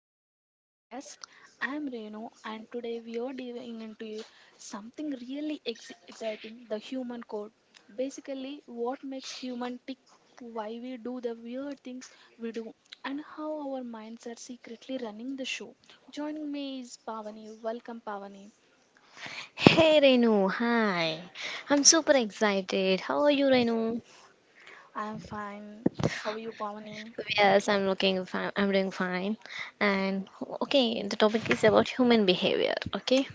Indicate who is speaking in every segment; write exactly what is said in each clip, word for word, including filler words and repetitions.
Speaker 1: back to our podcast. I'm Renu and today we are diving into something really ex- exciting, the human code. Basically, what makes human tick, why we do the weird things we do and how our minds are secretly running the show. Joining me is Pavani. Welcome Pavani.
Speaker 2: Hey Renu, hi. I'm super excited. How are you, Renu?
Speaker 1: I'm fine. How are you Pavani?
Speaker 2: Yes, I'm looking fine. I'm doing fine. And okay, the topic is about human behavior. Okay,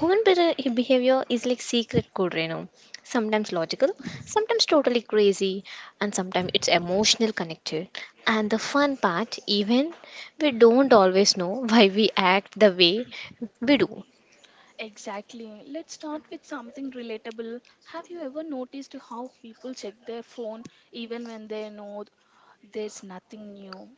Speaker 2: human be- behavior is like secret code, Renu. Sometimes logical, sometimes totally crazy, and sometimes it's emotional connected. And the fun part, even we don't always know why we act the way we do.
Speaker 1: Exactly. Let's start with something relatable. Have you ever noticed how people check their phone even when they know there's nothing new?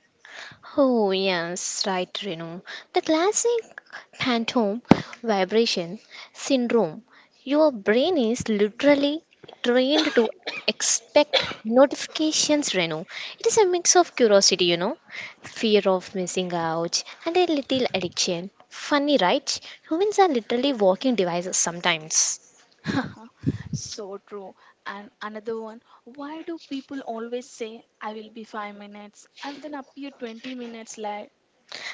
Speaker 2: Oh, yes, right, Renu. The classic phantom vibration syndrome. Your brain is literally trained to expect notifications, Renu. It is a mix of curiosity, you know, fear of missing out, and a little addiction. Funny, right? Humans are literally walking devices sometimes.
Speaker 1: So true. And another one, why do people always say, I will be five minutes and then appear twenty minutes late?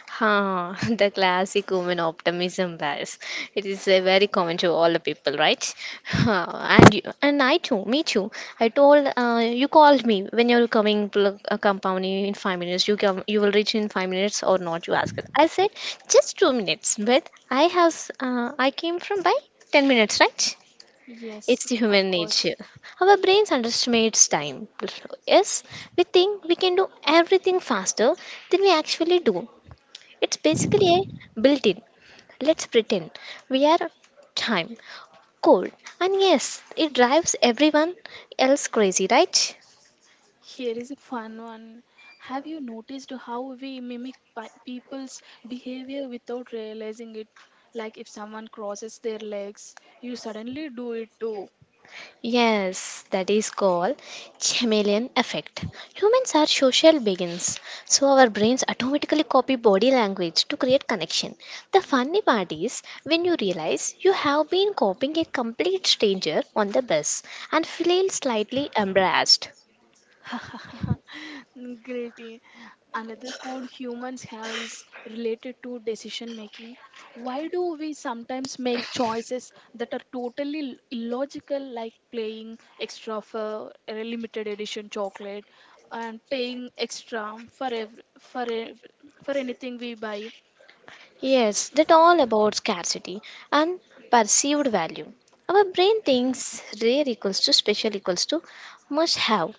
Speaker 2: Huh, the classic woman optimism bias. It is uh, very common to all the people, right? Huh, and you, and I too, me too. I told uh, you called me when you're coming to the, uh, compound in five minutes. You come, you will reach in five minutes or not? You asked. I said just two minutes, but I have s- uh, I came from by ten minutes, right? It's
Speaker 1: Yes,
Speaker 2: the
Speaker 1: of
Speaker 2: human
Speaker 1: course.
Speaker 2: nature. Our brains underestimates time. Yes, we think we can do everything faster than we actually do. It's basically a built in. Let's pretend we are time, cold, and yes, it drives everyone else crazy, right?
Speaker 1: Here is a fun one. Have you noticed how we mimic pi- people's behavior without realizing it? Like if someone crosses their legs, you suddenly do it too.
Speaker 2: Yes, that is called chameleon effect. Humans are social beings, so our brains automatically copy body language to create connection. The funny part is when you realize you have been copying a complete stranger on the bus and feel slightly embarrassed.
Speaker 1: Guilty. Another code humans have is related to decision making. Why do we sometimes make choices that are totally l- illogical, like paying extra for a limited edition chocolate and paying extra for every, for ev for anything we buy?
Speaker 2: Yes, that all about scarcity and perceived value. Our brain thinks rare equals to special equals to must have.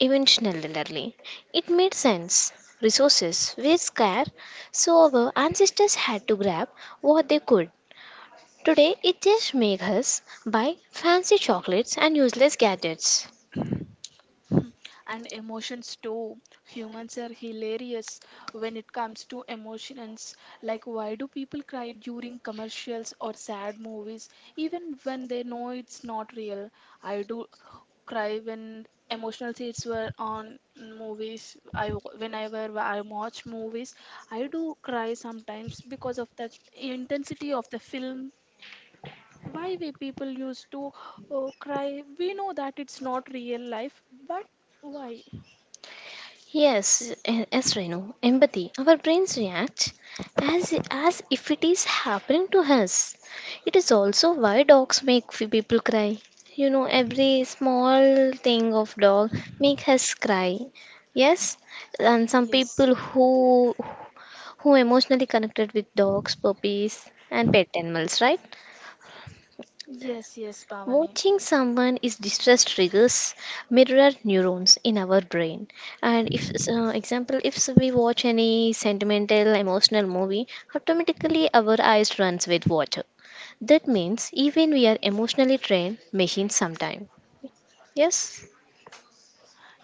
Speaker 2: Eventually, it made sense. Resources were scarce, so our ancestors had to grab what they could. Today, it just makes us buy fancy chocolates and useless gadgets.
Speaker 1: And emotions too. Humans are hilarious when it comes to emotions. Like, why do people cry during commercials or sad movies, even when they know it's not real? I do cry when emotional scenes were on movies. I wa- whenever I watch movies, I do cry sometimes because of that intensity of the film. Why we people used to uh, cry? We know that it's not real life, but why?
Speaker 2: Yes, a- yes, Renu. Empathy. Our brains react as as if it is happening to us. It is also why dogs make f- people cry. You know, every small thing of dog make us cry. Yes, and some
Speaker 1: Yes.
Speaker 2: people who who emotionally connected with dogs, puppies, and pet animals, right?
Speaker 1: Yes, yes, Pavani.
Speaker 2: Watching someone is distress triggers mirror neurons in our brain. And if, uh, example, if we watch any sentimental, emotional movie, automatically our eyes runs with water. That means even we are emotionally trained machines sometime. Yes.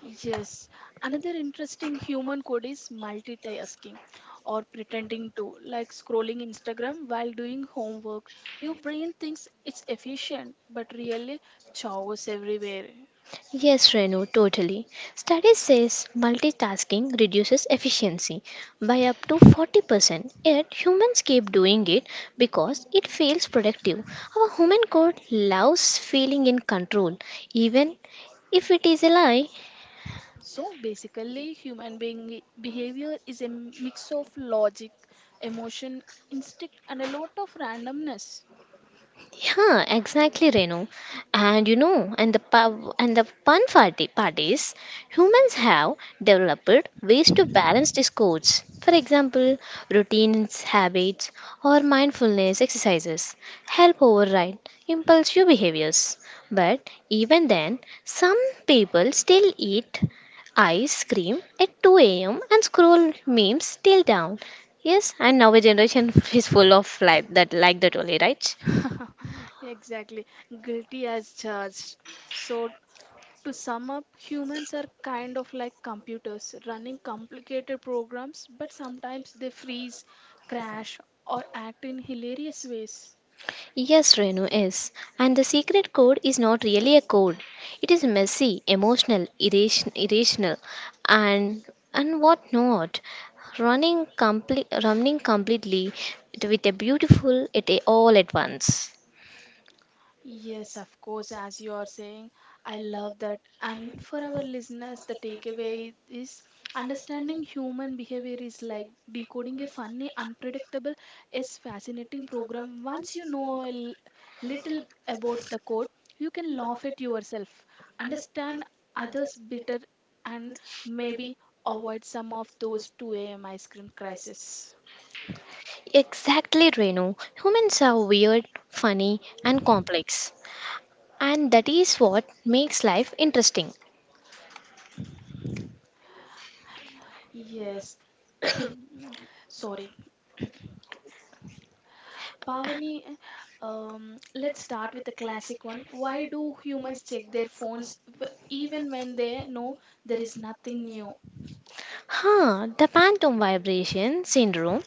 Speaker 1: Yes. Another interesting human code is multitasking or pretending to, like scrolling Instagram while doing homework. Your brain thinks it's efficient, but really chaos everywhere.
Speaker 2: Yes, Renu, totally. Studies says multitasking reduces efficiency by up to forty percent, yet humans keep doing it because it feels productive. Our human code loves feeling in control, even if it is a lie.
Speaker 1: So basically, human being i- behavior is a mix of logic, emotion, instinct, and a lot of randomness.
Speaker 2: Yeah, exactly, Renu. And you know, and the pa- and the fun party parties, humans have developed ways to balance these codes. For example, routines, habits, or mindfulness exercises help override impulsive behaviors. But even then, some people still eat ice cream at two a m and scroll memes till down. Yes, and now a generation is full of like that, like that only, right?
Speaker 1: Exactly, guilty as charged. So, to sum up, humans are kind of like computers running complicated programs, but sometimes they freeze, crash, or act in hilarious ways.
Speaker 2: Yes, Renu, is, and the secret code is not really a code. It is messy, emotional, irration- irrational, and and what not. Running complete, running completely with a beautiful it all at once.
Speaker 1: Yes, of course, as you are saying, I love that. And for our listeners, the takeaway is understanding human behavior is like decoding a funny, unpredictable, yes, fascinating program. Once you know a l- little about the code, you can laugh at yourself, understand others better, and maybe avoid some of those two a m ice cream crises.
Speaker 2: Exactly, Renu. Humans are weird, funny, and complex, and that is what makes life interesting.
Speaker 1: Yes, sorry. Pavani, um, let's start with the classic one. Why do humans check their phones w- even when they know there is nothing new?
Speaker 2: Huh, the phantom vibration syndrome.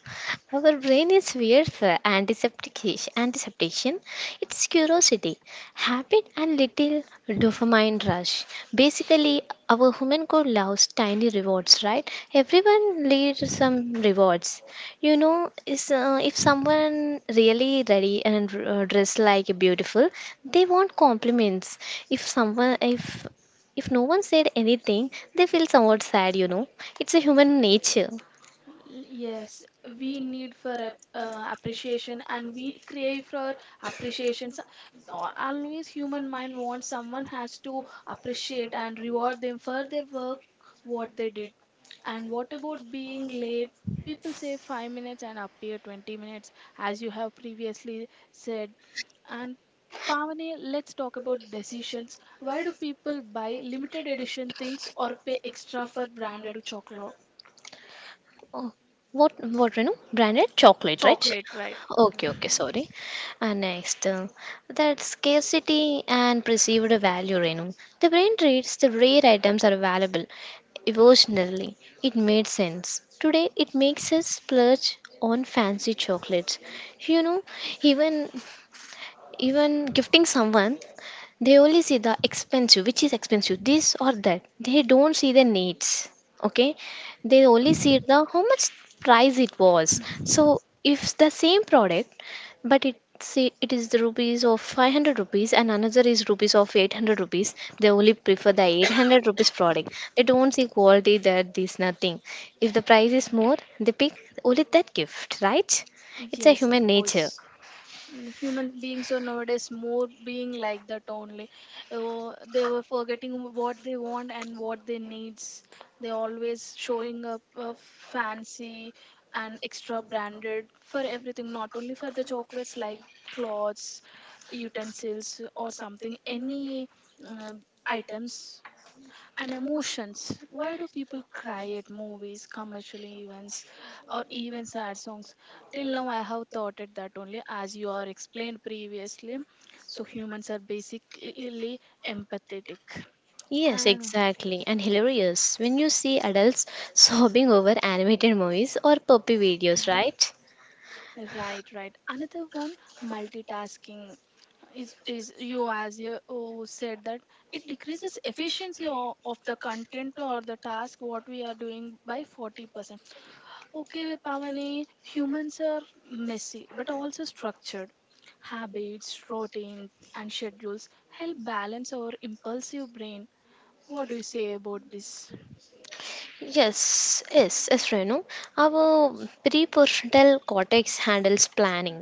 Speaker 2: Our brain is weird for antiseptic- anticipation. It's curiosity, habit, and little dopamine rush. Basically, our human code loves tiny rewards, right? Everyone needs some rewards. You know, is uh, If someone really ready and uh, dressed like beautiful, they want compliments. If someone, if if no one said anything, they feel somewhat sad, you know. It's a human nature.
Speaker 1: Yes, we need for ap- uh, appreciation and we crave for appreciation. So, uh, always human mind wants someone has to appreciate and reward them for their work, what they did. And what about being late? People say five minutes and appear twenty minutes, as you have previously said. And Pavani, let's talk about decisions. Why do people buy limited edition things or pay extra for branded chocolate?
Speaker 2: Oh, what, what, you know, branded chocolate, right?
Speaker 1: Chocolate, right?
Speaker 2: Okay, okay, sorry. And next, uh, that scarcity and perceived value, Renu. The brain treats the rare items are valuable emotionally. It made sense. Today, it makes us splurge on fancy chocolates. You know, even even gifting someone, they only see the expensive, which is expensive this or that. They don't see the needs. Okay, they only see the how much price it was. So if the same product, but it see it is the rupees of five hundred rupees and another is rupees of eight hundred rupees, they only prefer the eight hundred rupees product. They don't see quality that this, nothing. If the price is more, they pick only that gift, right? It's a
Speaker 1: Yes, of
Speaker 2: human nature.
Speaker 1: course. Mm, human beings are nowadays more being like that only. Oh, they were forgetting what they want and what they needs. They always showing up uh, fancy and extra branded for everything, not only for the chocolates, like clothes, utensils, or something, any uh, items. And emotions. Why do people cry at movies, commercial events, or even sad songs? Till now, I have thought it that only, as you are explained previously. So humans are basically empathetic.
Speaker 2: Yes,
Speaker 1: And
Speaker 2: exactly, and hilarious when you see adults sobbing over animated movies or puppy videos, right?
Speaker 1: right, right. Another one, multitasking. Is is you as you oh, said that it decreases efficiency o- of the content or the task what we are doing by forty percent. Okay, Pavani, humans are messy but also structured. Habits, routine, and schedules help balance our impulsive brain. What do you say about this?
Speaker 2: Yes, yes, yes, Renu. Our prefrontal cortex handles planning,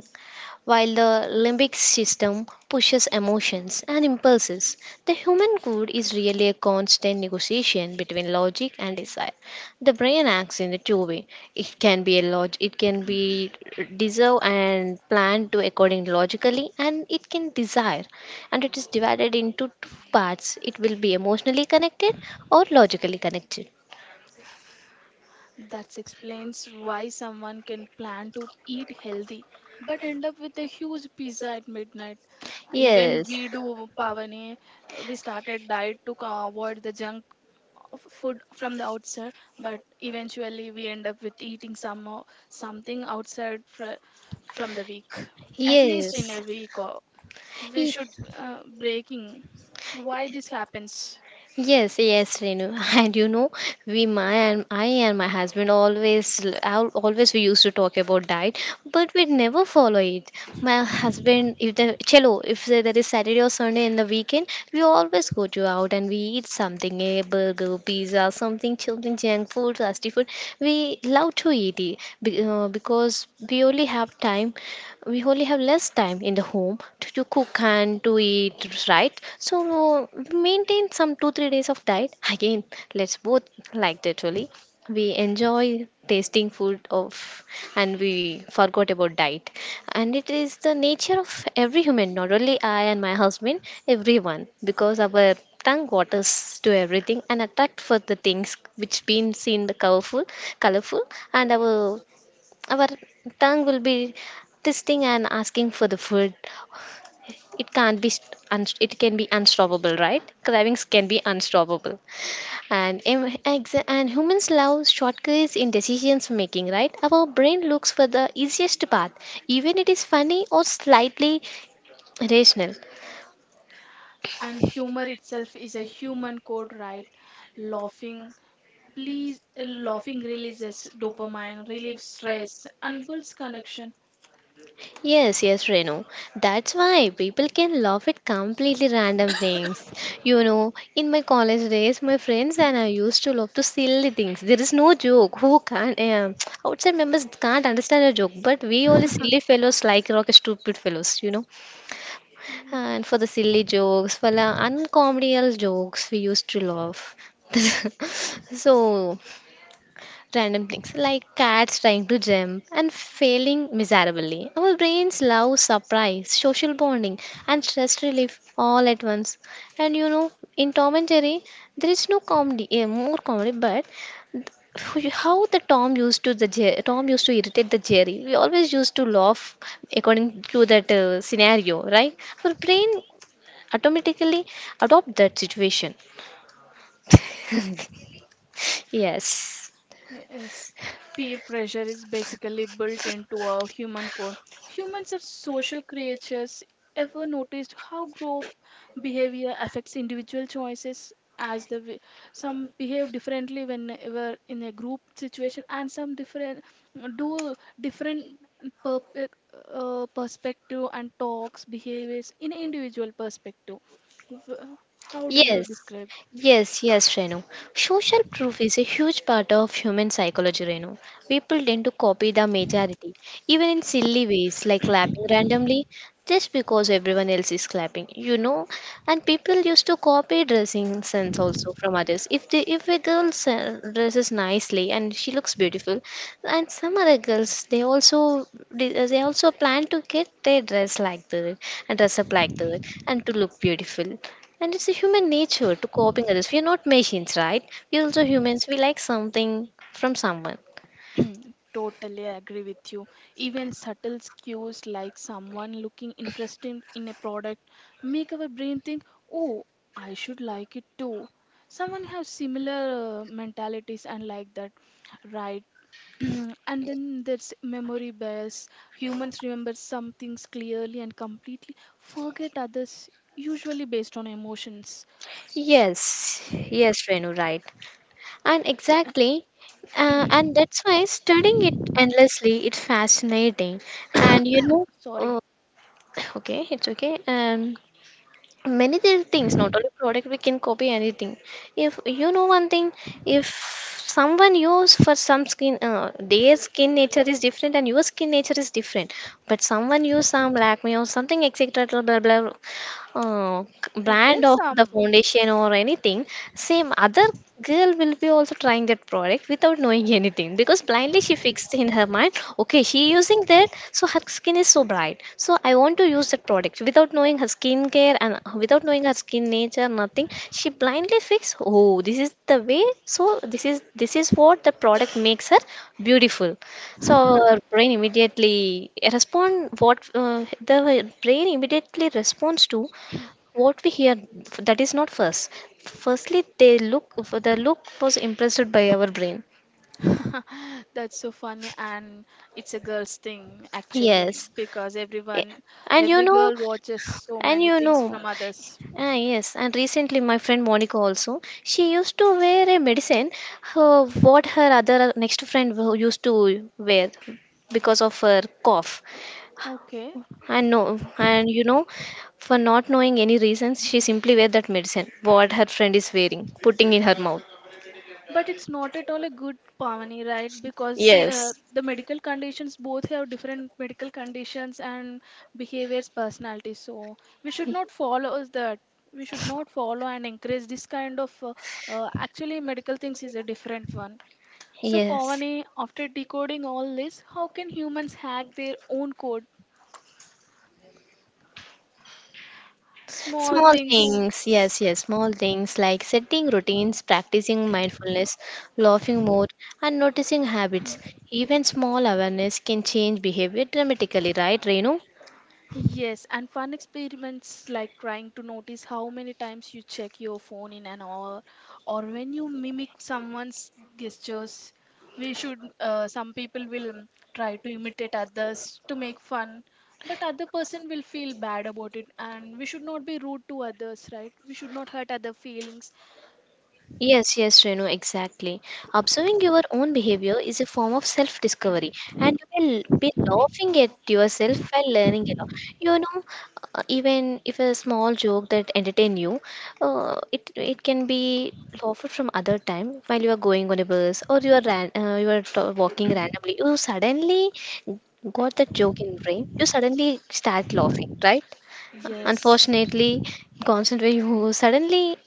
Speaker 2: while the limbic system pushes emotions and impulses. The human good is really a constant negotiation between logic and desire. The brain acts in a two-way. It can be a log- it can be deserve and planned to according logically, and it can desire. And it is divided into two parts. It will be emotionally connected or logically connected.
Speaker 1: That explains why someone can plan to eat healthy but end up with a huge pizza at midnight. Even
Speaker 2: Yes.
Speaker 1: we do, Pavani, we started diet to co- avoid the junk food from the outside, but eventually we end up with eating some or something outside fr- from the week, at least in a week or we should
Speaker 2: Yes.
Speaker 1: uh, breaking. Why this happens?
Speaker 2: Yes, yes, Renu. And you know, we, my and I and my husband always, al- always we used to talk about diet, but we never follow it. My husband, if the cello, if there there is Saturday or Sunday in the weekend, we always go to out and we eat something, a burger, pizza, something, something, junk food, fast food. We love to eat it be- uh, because we only have time we only have less time in the home to, to cook and to eat, right? So maintain some two three days of diet again. Let's both, like, literally we enjoy tasting food of, and we forgot about diet. And it is the nature of every human, not only I and my husband, everyone, because our tongue waters to everything and attract for the things which been seen the colorful, colorful and our our tongue will be testing and asking for the food. It can't be st- un- it can be unstoppable, right? Cravings can be unstoppable, and em- exa- and humans love shortcuts in decisions making, right? Our brain looks for the easiest path, even it is funny or slightly rational.
Speaker 1: And humor itself is a human code, right? Laughing, please, uh, laughing releases dopamine, relieves stress, and builds connection.
Speaker 2: Yes, yes, Renu. That's why people can laugh at completely random things. You know, in my college days, my friends and I used to laugh to silly things. There is no joke. Who can't? Um, outside members can't understand a joke, but we all silly fellows like rock stupid fellows. You know, and for the silly jokes, for the uncomedial jokes, we used to laugh. so random things like cats trying to jump and failing miserably. Our brains love surprise, social bonding, and stress relief all at once. And you know, in Tom and Jerry, there is no comedy, eh, more comedy, but how the Tom used to the Jer- Tom used to irritate the Jerry. We always used to laugh according to that uh, scenario, right? Our brain automatically adopt that situation. Yes.
Speaker 1: Yes, peer pressure is basically built into our human code. Humans are social creatures. Ever noticed how group behavior affects individual choices? As the way some behave differently whenever in a group situation, and some different do different per, uh, uh, perspective and talks behaviors in individual perspective. W- How do you
Speaker 2: Yes,
Speaker 1: describe?
Speaker 2: yes, yes, Renu. Social proof is a huge part of human psychology, Renu. People tend to copy the majority, even in silly ways like clapping randomly just because everyone else is clapping you know And people used to copy dressing sense also from others. If they if a girl se- dresses nicely and she looks beautiful, and some other girls, they also they they also plan to get their dress like that and dress up like that and to look beautiful. And it's a human nature to copying others. We're not machines, right? We're also humans. We like something from someone.
Speaker 1: Totally agree with you. Even subtle cues like someone looking interested in a product make our brain think, "Oh, I should like it too." Someone has similar uh, mentalities and like that, right? And then there's memory bias. Humans remember some things clearly and completely, forget others usually based on emotions.
Speaker 2: Yes, yes, Renu, right. And exactly, uh, and that's why studying it endlessly, it's fascinating. And you know,
Speaker 1: Sorry.
Speaker 2: uh, okay, it's okay. And many other things, not only product, we can copy anything. If you know one thing, if someone use for some skin, uh, their skin nature is different and your skin nature is different. But someone use some Lakme or something, et cetera. Blah blah, blah uh,
Speaker 1: Okay,
Speaker 2: brand of the
Speaker 1: some.
Speaker 2: foundation or anything. Same other girl will be also trying that product without knowing anything, because blindly she fixed in her mind, okay, she using that, so her skin is so bright, so I want to use that product without knowing her skincare and without knowing her skin nature, nothing. She blindly fixed, oh, this is the way. So this is this is what the product makes her beautiful. So our brain immediately respond what uh, the brain immediately responds to what we hear. That is not first firstly they look. The look was impressed by our brain.
Speaker 1: That's so funny, and it's a girl's thing actually,
Speaker 2: Yes.
Speaker 1: because
Speaker 2: Eh,
Speaker 1: everyone,
Speaker 2: and you
Speaker 1: every
Speaker 2: know
Speaker 1: girl watches so
Speaker 2: and
Speaker 1: many
Speaker 2: you
Speaker 1: things
Speaker 2: know
Speaker 1: from others.
Speaker 2: ah yes, and recently my friend Monica also, she used to wear a medicine, her, what her other, uh, next friend who used to wear because of her cough.
Speaker 1: Okay.
Speaker 2: And no, and you know for not knowing any reasons, she simply wear that medicine what her friend is wearing, putting in her mouth.
Speaker 1: But it's not at all a good Pavani, right? Because say uh,
Speaker 2: Yes.
Speaker 1: the medical conditions, both have different medical conditions and behaviors, personalities. So we should not follow that. We should not follow and encourage this kind of. Uh, uh, actually, medical things is a different one. So
Speaker 2: Yes,
Speaker 1: Pavani, after decoding all this, how can humans hack their own code? Small
Speaker 2: small
Speaker 1: things.
Speaker 2: things. Yes, yes, small things like setting routines, practicing mindfulness, laughing more, and noticing habits. Even small awareness can change behavior dramatically, right, Renu?
Speaker 1: Yes, and fun experiments like trying to notice how many times you check your phone in an hour or when you mimic someone's gestures. We should, uh, some people will mm, try to imitate others to make fun, but other person will feel bad about it, and we should not be rude to others, right? We should not hurt other feelings.
Speaker 2: Yes, yes, Renu, exactly. Observing your own behavior is a form of self discovery, and you will be laughing at yourself while learning it. You know, uh, even if a small joke that entertain you, uh, it it can be laughed from other time while you are going on a bus or you are ran, uh, you are t- walking randomly. You suddenly got that joke in brain. You suddenly start laughing, right?
Speaker 1: Yes.
Speaker 2: Unfortunately, concentrate. You suddenly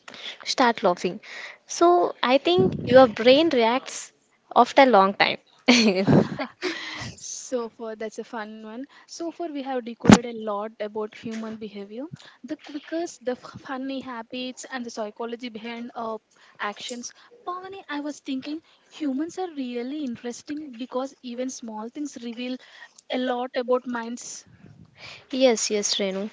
Speaker 2: start laughing, so I think your brain reacts after a long time.
Speaker 1: So far that's a fun one. So far we have decoded a lot about human behavior, the quickest, the f- funny habits, and the psychology behind uh, actions. Pavani, I was thinking humans are really interesting because even small things reveal a lot about minds.
Speaker 2: Yes, yes, Renu.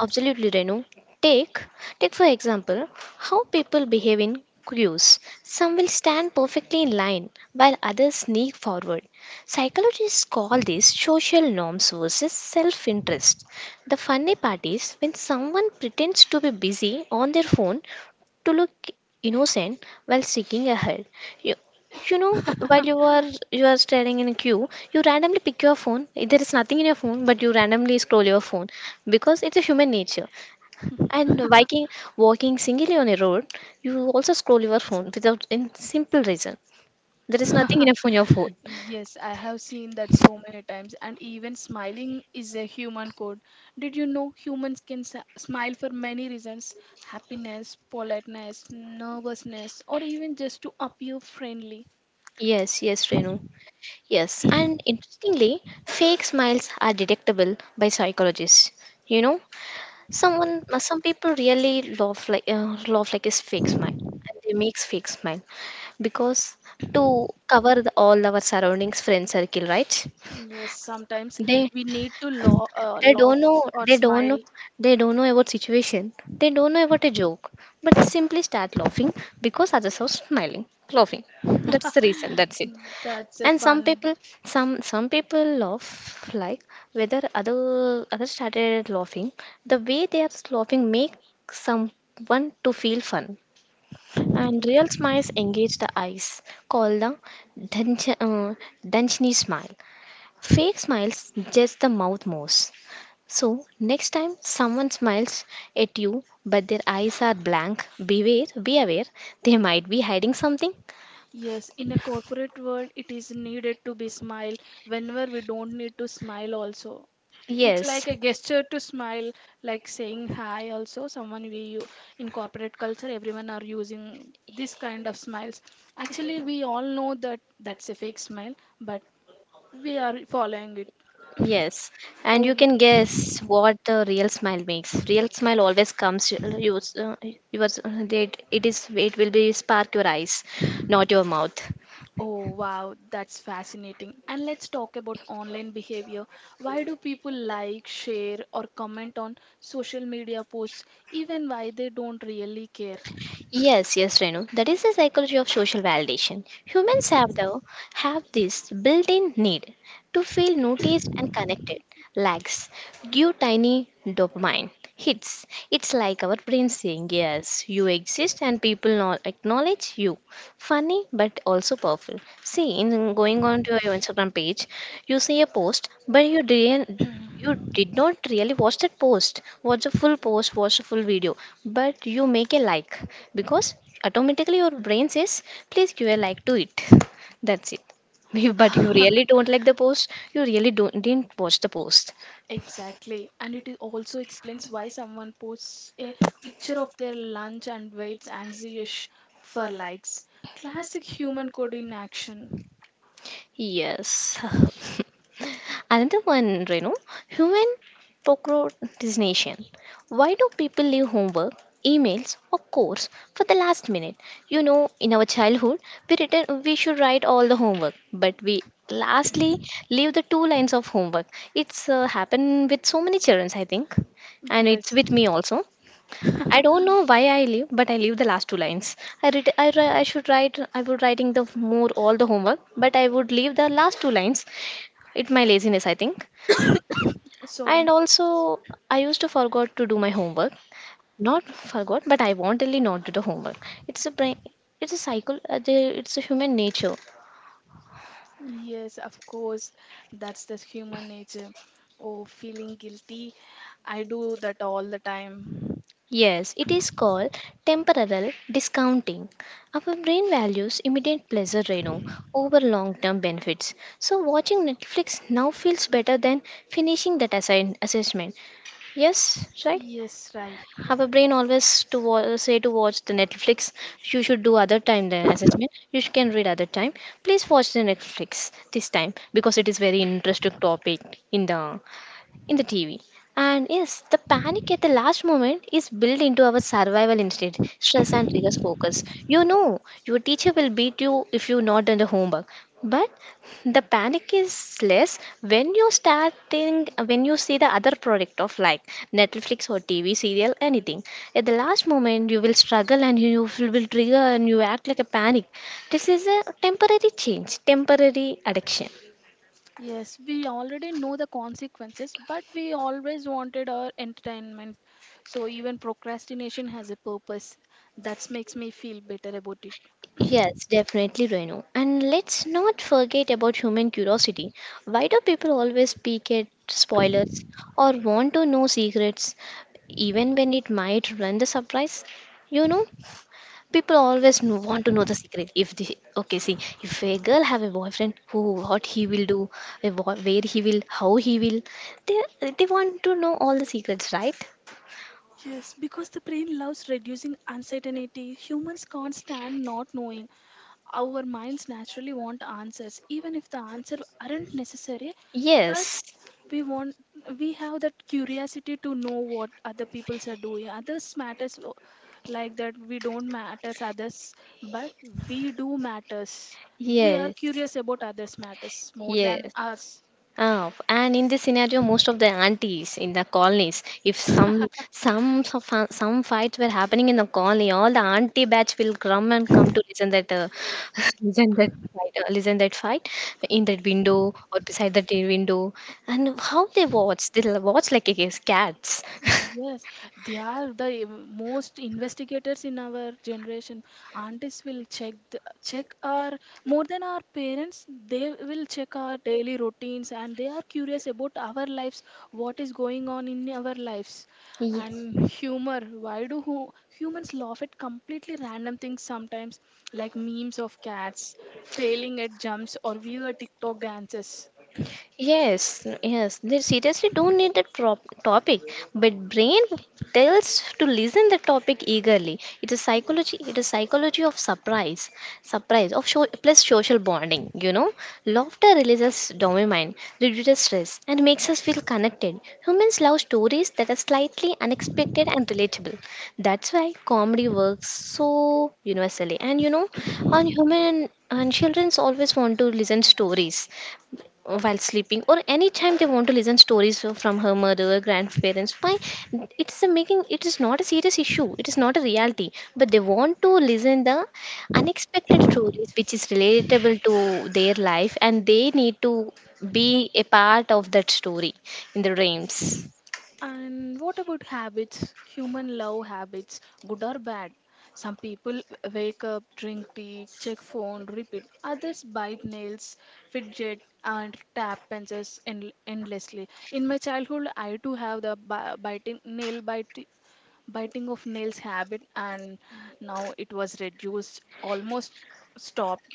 Speaker 2: Absolutely, Renu. Take, take for example, how people behave in queues. Some will stand perfectly in line while others sneak forward. Psychologists call these social norms versus self-interest. The funny part is when someone pretends to be busy on their phone to look innocent while seeking a help. You, you know while you are you are standing in a queue, you randomly pick your phone. There is nothing in your phone, but you randomly scroll your phone because it's a human nature. And walking walking singly on a road, you also scroll your phone without in simple reason. There is nothing in your phone, your phone.
Speaker 1: Yes, I have seen that so many times, and even smiling is a human code. Did you know humans can s- smile for many reasons? Happiness, politeness, nervousness, or even just to appear friendly.
Speaker 2: Yes, yes, Renu. Yes, and interestingly, fake smiles are detectable by psychologists. You know, Someone, uh, some people really love like uh, love like is fake smile, and they makes fake smile because to cover the, all our surroundings, friend circle, right?
Speaker 1: Yes, sometimes
Speaker 2: They
Speaker 1: we need to lo- uh,
Speaker 2: they
Speaker 1: laugh
Speaker 2: don't know.
Speaker 1: or
Speaker 2: They don't know.
Speaker 1: smile.
Speaker 2: They don't know about situation. They don't know about a joke, but they simply start laughing because others are smiling, laughing. That's the reason. That's it.
Speaker 1: That's a
Speaker 2: And some
Speaker 1: fun.
Speaker 2: people, some some people laugh like whether other others started laughing. The way they are laughing make someone to feel fun. And real smiles engage the eyes, called the Danch- uh, Danchini smile. Fake smiles just the mouth moves. So, next time someone smiles at you but their eyes are blank, beware, be aware, they might be hiding something.
Speaker 1: Yes, in a corporate world, it is needed to be smile whenever we don't need to smile also. It's like
Speaker 2: Yes,
Speaker 1: a gesture to smile, like saying hi also. Someone we u- in corporate culture, everyone are using this kind of smiles. Actually, we all know that that's a fake smile, but we are following it.
Speaker 2: yes. And you
Speaker 1: Oh,
Speaker 2: can guess what the real smile makes. Real smile always comes, you, you, uh, yours, uh, it, it is, it, will be spark your eyes, not your mouth.
Speaker 1: oh, wow, that's fascinating. And let's talk about online behavior. Why do people like, share, or comment on social media posts, even why they don't really care?
Speaker 2: Yes, yes, Renu. That is the psychology of social validation. Humans have though have this built-in need to feel noticed and connected. Likes give tiny dopamine hits. It's like our brain saying, "Yes, you exist, and people no- acknowledge you." Funny, but also powerful. See, in going on to your Instagram page, you see a post, but you didn't you did not really watch that post, watch the full post, watch the full video, but you make a like because automatically your brain says please give a like to it. That's it. You- but you really don't like the post. You really don't didn't watch the post.
Speaker 1: Exactly. And it is also explains why someone posts a picture of their lunch and waits anxious for likes. Classic human code in action.
Speaker 2: Yes. Another one, Renu, human procrastination. Why do people leave homework, emails, or course for the last minute? You know, in our childhood, we written we should write all the homework, but we lastly leave the two lines of homework. It's uh, happened with so many children, I think, and it's
Speaker 1: Yes.
Speaker 2: with me also. I don't know why I leave, but I leave the last two lines. I read, I, ri- I should write, I would writing the more all the homework, but I would leave the last two lines. It's my laziness, I think. And
Speaker 1: Sorry.
Speaker 2: also, I used to forgot to do my homework. Not forgot, but I wantonly not do the homework. It's a brain. It's a cycle. uh, the- It's a human nature.
Speaker 1: Yes, of course. That's the human nature. Oh, feeling guilty, I do that all the time.
Speaker 2: Yes, it is called temporal discounting. Our brain values immediate pleasure, Renu, over long-term benefits. So watching Netflix now feels better than finishing that assign- assessment. Yes, right?
Speaker 1: Yes, right.
Speaker 2: Our brain always to wa- say to watch the Netflix. You should do other time, then you sh- can read other time. Please watch the netflix this time because it is very interesting topic in the in the T V. And yes, the panic at the last moment is built into our survival instinct. Stress and triggers focus. You know your teacher will beat you if you not done the homework. But the panic is less when you starting when you see the other product of like Netflix or T V serial anything. At the last moment, you will struggle and you will will trigger and you act like a panic. This is a temporary change, temporary addiction.
Speaker 1: Yes, we already know the consequences, but we always wanted our entertainment. So even procrastination has a purpose. That makes me feel better about it.
Speaker 2: Yes, definitely, Renu. And let's not forget about human curiosity. Why do people always peek at spoilers or want to know secrets, even when it might ruin the surprise? You know, people always kn- want to know the secret. If the okay, see, if a girl have a boyfriend, who, what he will do, eh, wh- where he will, how he will, they they want to know all the secrets, right?
Speaker 1: Yes, because the brain loves reducing uncertainty. Humans can't stand not knowing. Our minds naturally want answers, even if the answers aren't necessary.
Speaker 2: Yes,
Speaker 1: We want, we have that curiosity to know what other peoples are doing, others matters, o- like that we don't matters others, but we do matters. We are
Speaker 2: yes.
Speaker 1: curious about others matters more than
Speaker 2: Yes.
Speaker 1: ours.
Speaker 2: Oh, and in this scenario, most of the aunties in the colonies, if some some of some fights were happening in the colony, all the auntie batch will come and come to listen that uh, listen that fight, uh, listen that fight in that window or beside the t- window, and how they watch, they watch like a cats.
Speaker 1: Yes, they are the eh, most investigators in our generation. Aunties will check the, check our more than our parents. They will check our daily routines and they are curious about our lives, what is going on in our lives,
Speaker 2: Yeah.
Speaker 1: and humor. Why do hu humans laugh at completely random things sometimes, like memes of cats failing at jumps or weird TikTok dances?
Speaker 2: Yes, yes. They seriously don't need the trop topic, but brain tells to listen the topic eagerly. It is psychology. It is psychology of surprise, surprise of show, plus social bonding. You know, laughter releases dopamine, reduces stress, and makes us feel connected. Humans love stories that are slightly unexpected and relatable. That's why comedy works so universally. And you know, on human and childrens always want to listen stories while sleeping or anytime they want to listen stories f- from her mother or grandparents. Why it's a making, it is not a serious issue, it is not a reality, but they want to listen the unexpected stories which is relatable to their life, and they need to be a part of that story in the dreams.
Speaker 1: And what about habits? Human love habits, good or bad? Some people wake up, drink tea, check phone, repeat. Others bite nails, fidget, and tap pencils en- endlessly. In my childhood, I too have the bi- biting nail bite, biting of nails habit, and now it was reduced, almost stopped.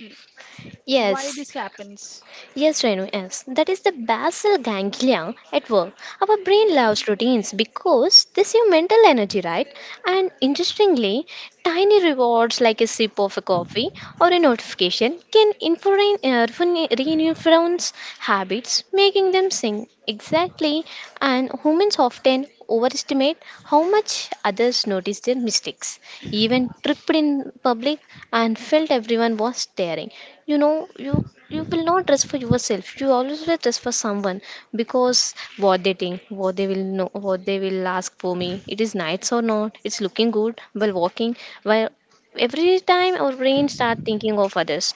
Speaker 1: Why
Speaker 2: Yes.
Speaker 1: Yes, this happens?
Speaker 2: Yes, Renu, yes. That is the basal ganglia at work. Our brain loves routines because they save mental energy, right? And interestingly, tiny rewards like a sip of a coffee or a notification can influence uh, refine- reinforce habits, making them sing. Exactly. And humans often overestimate how much others notice their mistakes. Even tripped in public and felt everyone was staring. You know, you you will not dress for yourself. You always will dress for someone because what they think, what they will know, what they will ask for me, it is nice or not, it's looking good while walking. While every time our brain start thinking of others,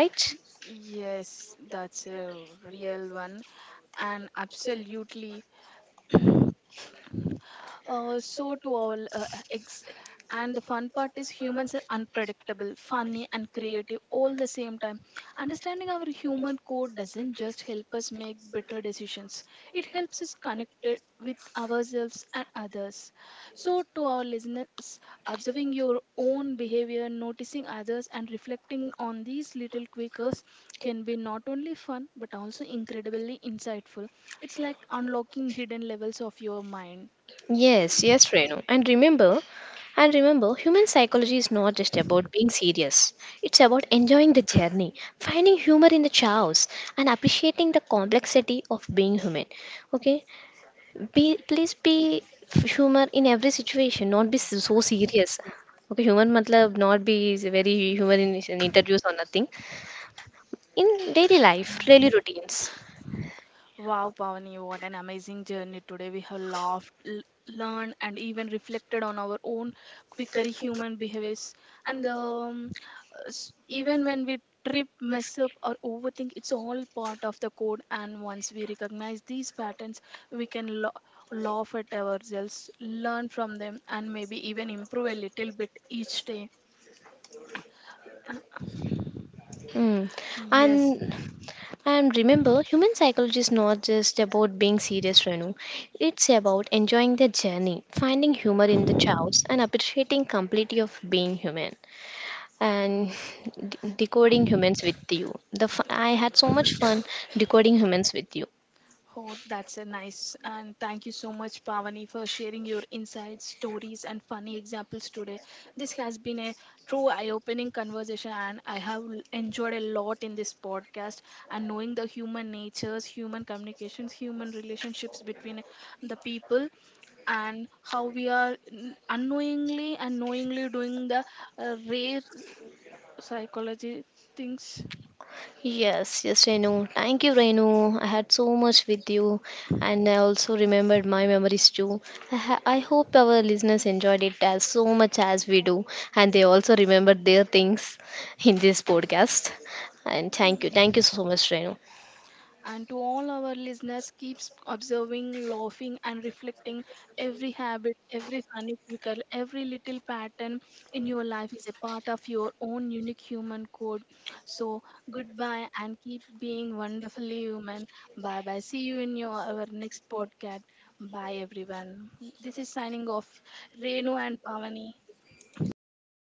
Speaker 2: right?
Speaker 1: Yes, that's a real one, and absolutely. Uh, so to all, uh, uh, ex- and the fun part is humans are unpredictable, funny, and creative all the same time. Understanding our human code doesn't just help us make better decisions; it helps us connect it with ourselves and others. So to our listeners, observing your own behavior, noticing others, and reflecting on these little quirks can be not only fun but also incredibly insightful. It's like unlocking hidden levels of your mind.
Speaker 2: Yes, yes, Renu. and remember and remember, human psychology is not just about being serious. It's about enjoying the journey, finding humor in the chaos, and appreciating the complexity of being human. Okay. Be, please be humor in every situation, not be so so serious. Okay, humor matlab not be is very humor in, in interviews or nothing. In daily life, daily routines.
Speaker 1: Wow, Pavani, what an amazing journey. Today we have laughed, l- learned, and even reflected on our own quickery human behaviors. And um, s- even when we trip, mess up, or overthink, it's all part of the code. And once we recognize these patterns, we can lo- laugh at ourselves, learn from them, and maybe even improve a little bit each day.
Speaker 2: Mm. Yes.
Speaker 1: Yes.
Speaker 2: And and remember, human psychology is not just about being serious, Renu. It's about enjoying the journey, finding humor in the chaos, and appreciating complexity of being human. And de- decoding humans with you. The f- I had so much fun decoding humans with you.
Speaker 1: Oh, that's a nice. And thank you so much, Pavani, for sharing your insights, stories, and funny examples today. This has been a true eye opening conversation, and I have l- enjoyed a lot in this podcast. And knowing the human natures, human communications, human relationships between the people, and how we are n- unknowingly and knowingly doing the uh, rare psychology things.
Speaker 2: Yes, yes, Renu. Thank you, Renu. I had so much with you, and I also remembered my memories too. I, ha- I hope our listeners enjoyed it as so much as we do, and they also remembered their things in this podcast. And thank you, thank you
Speaker 1: Mm.
Speaker 2: so much, Renu.
Speaker 1: And to all our listeners, keep s- observing, laughing, and reflecting. Every habit, every funny quirk, every little pattern in your life is a part of your own unique human code. So, goodbye and keep being wonderfully human. Bye bye. See you in your our next podcast. Bye, everyone. This is signing off. Renu and Pavani.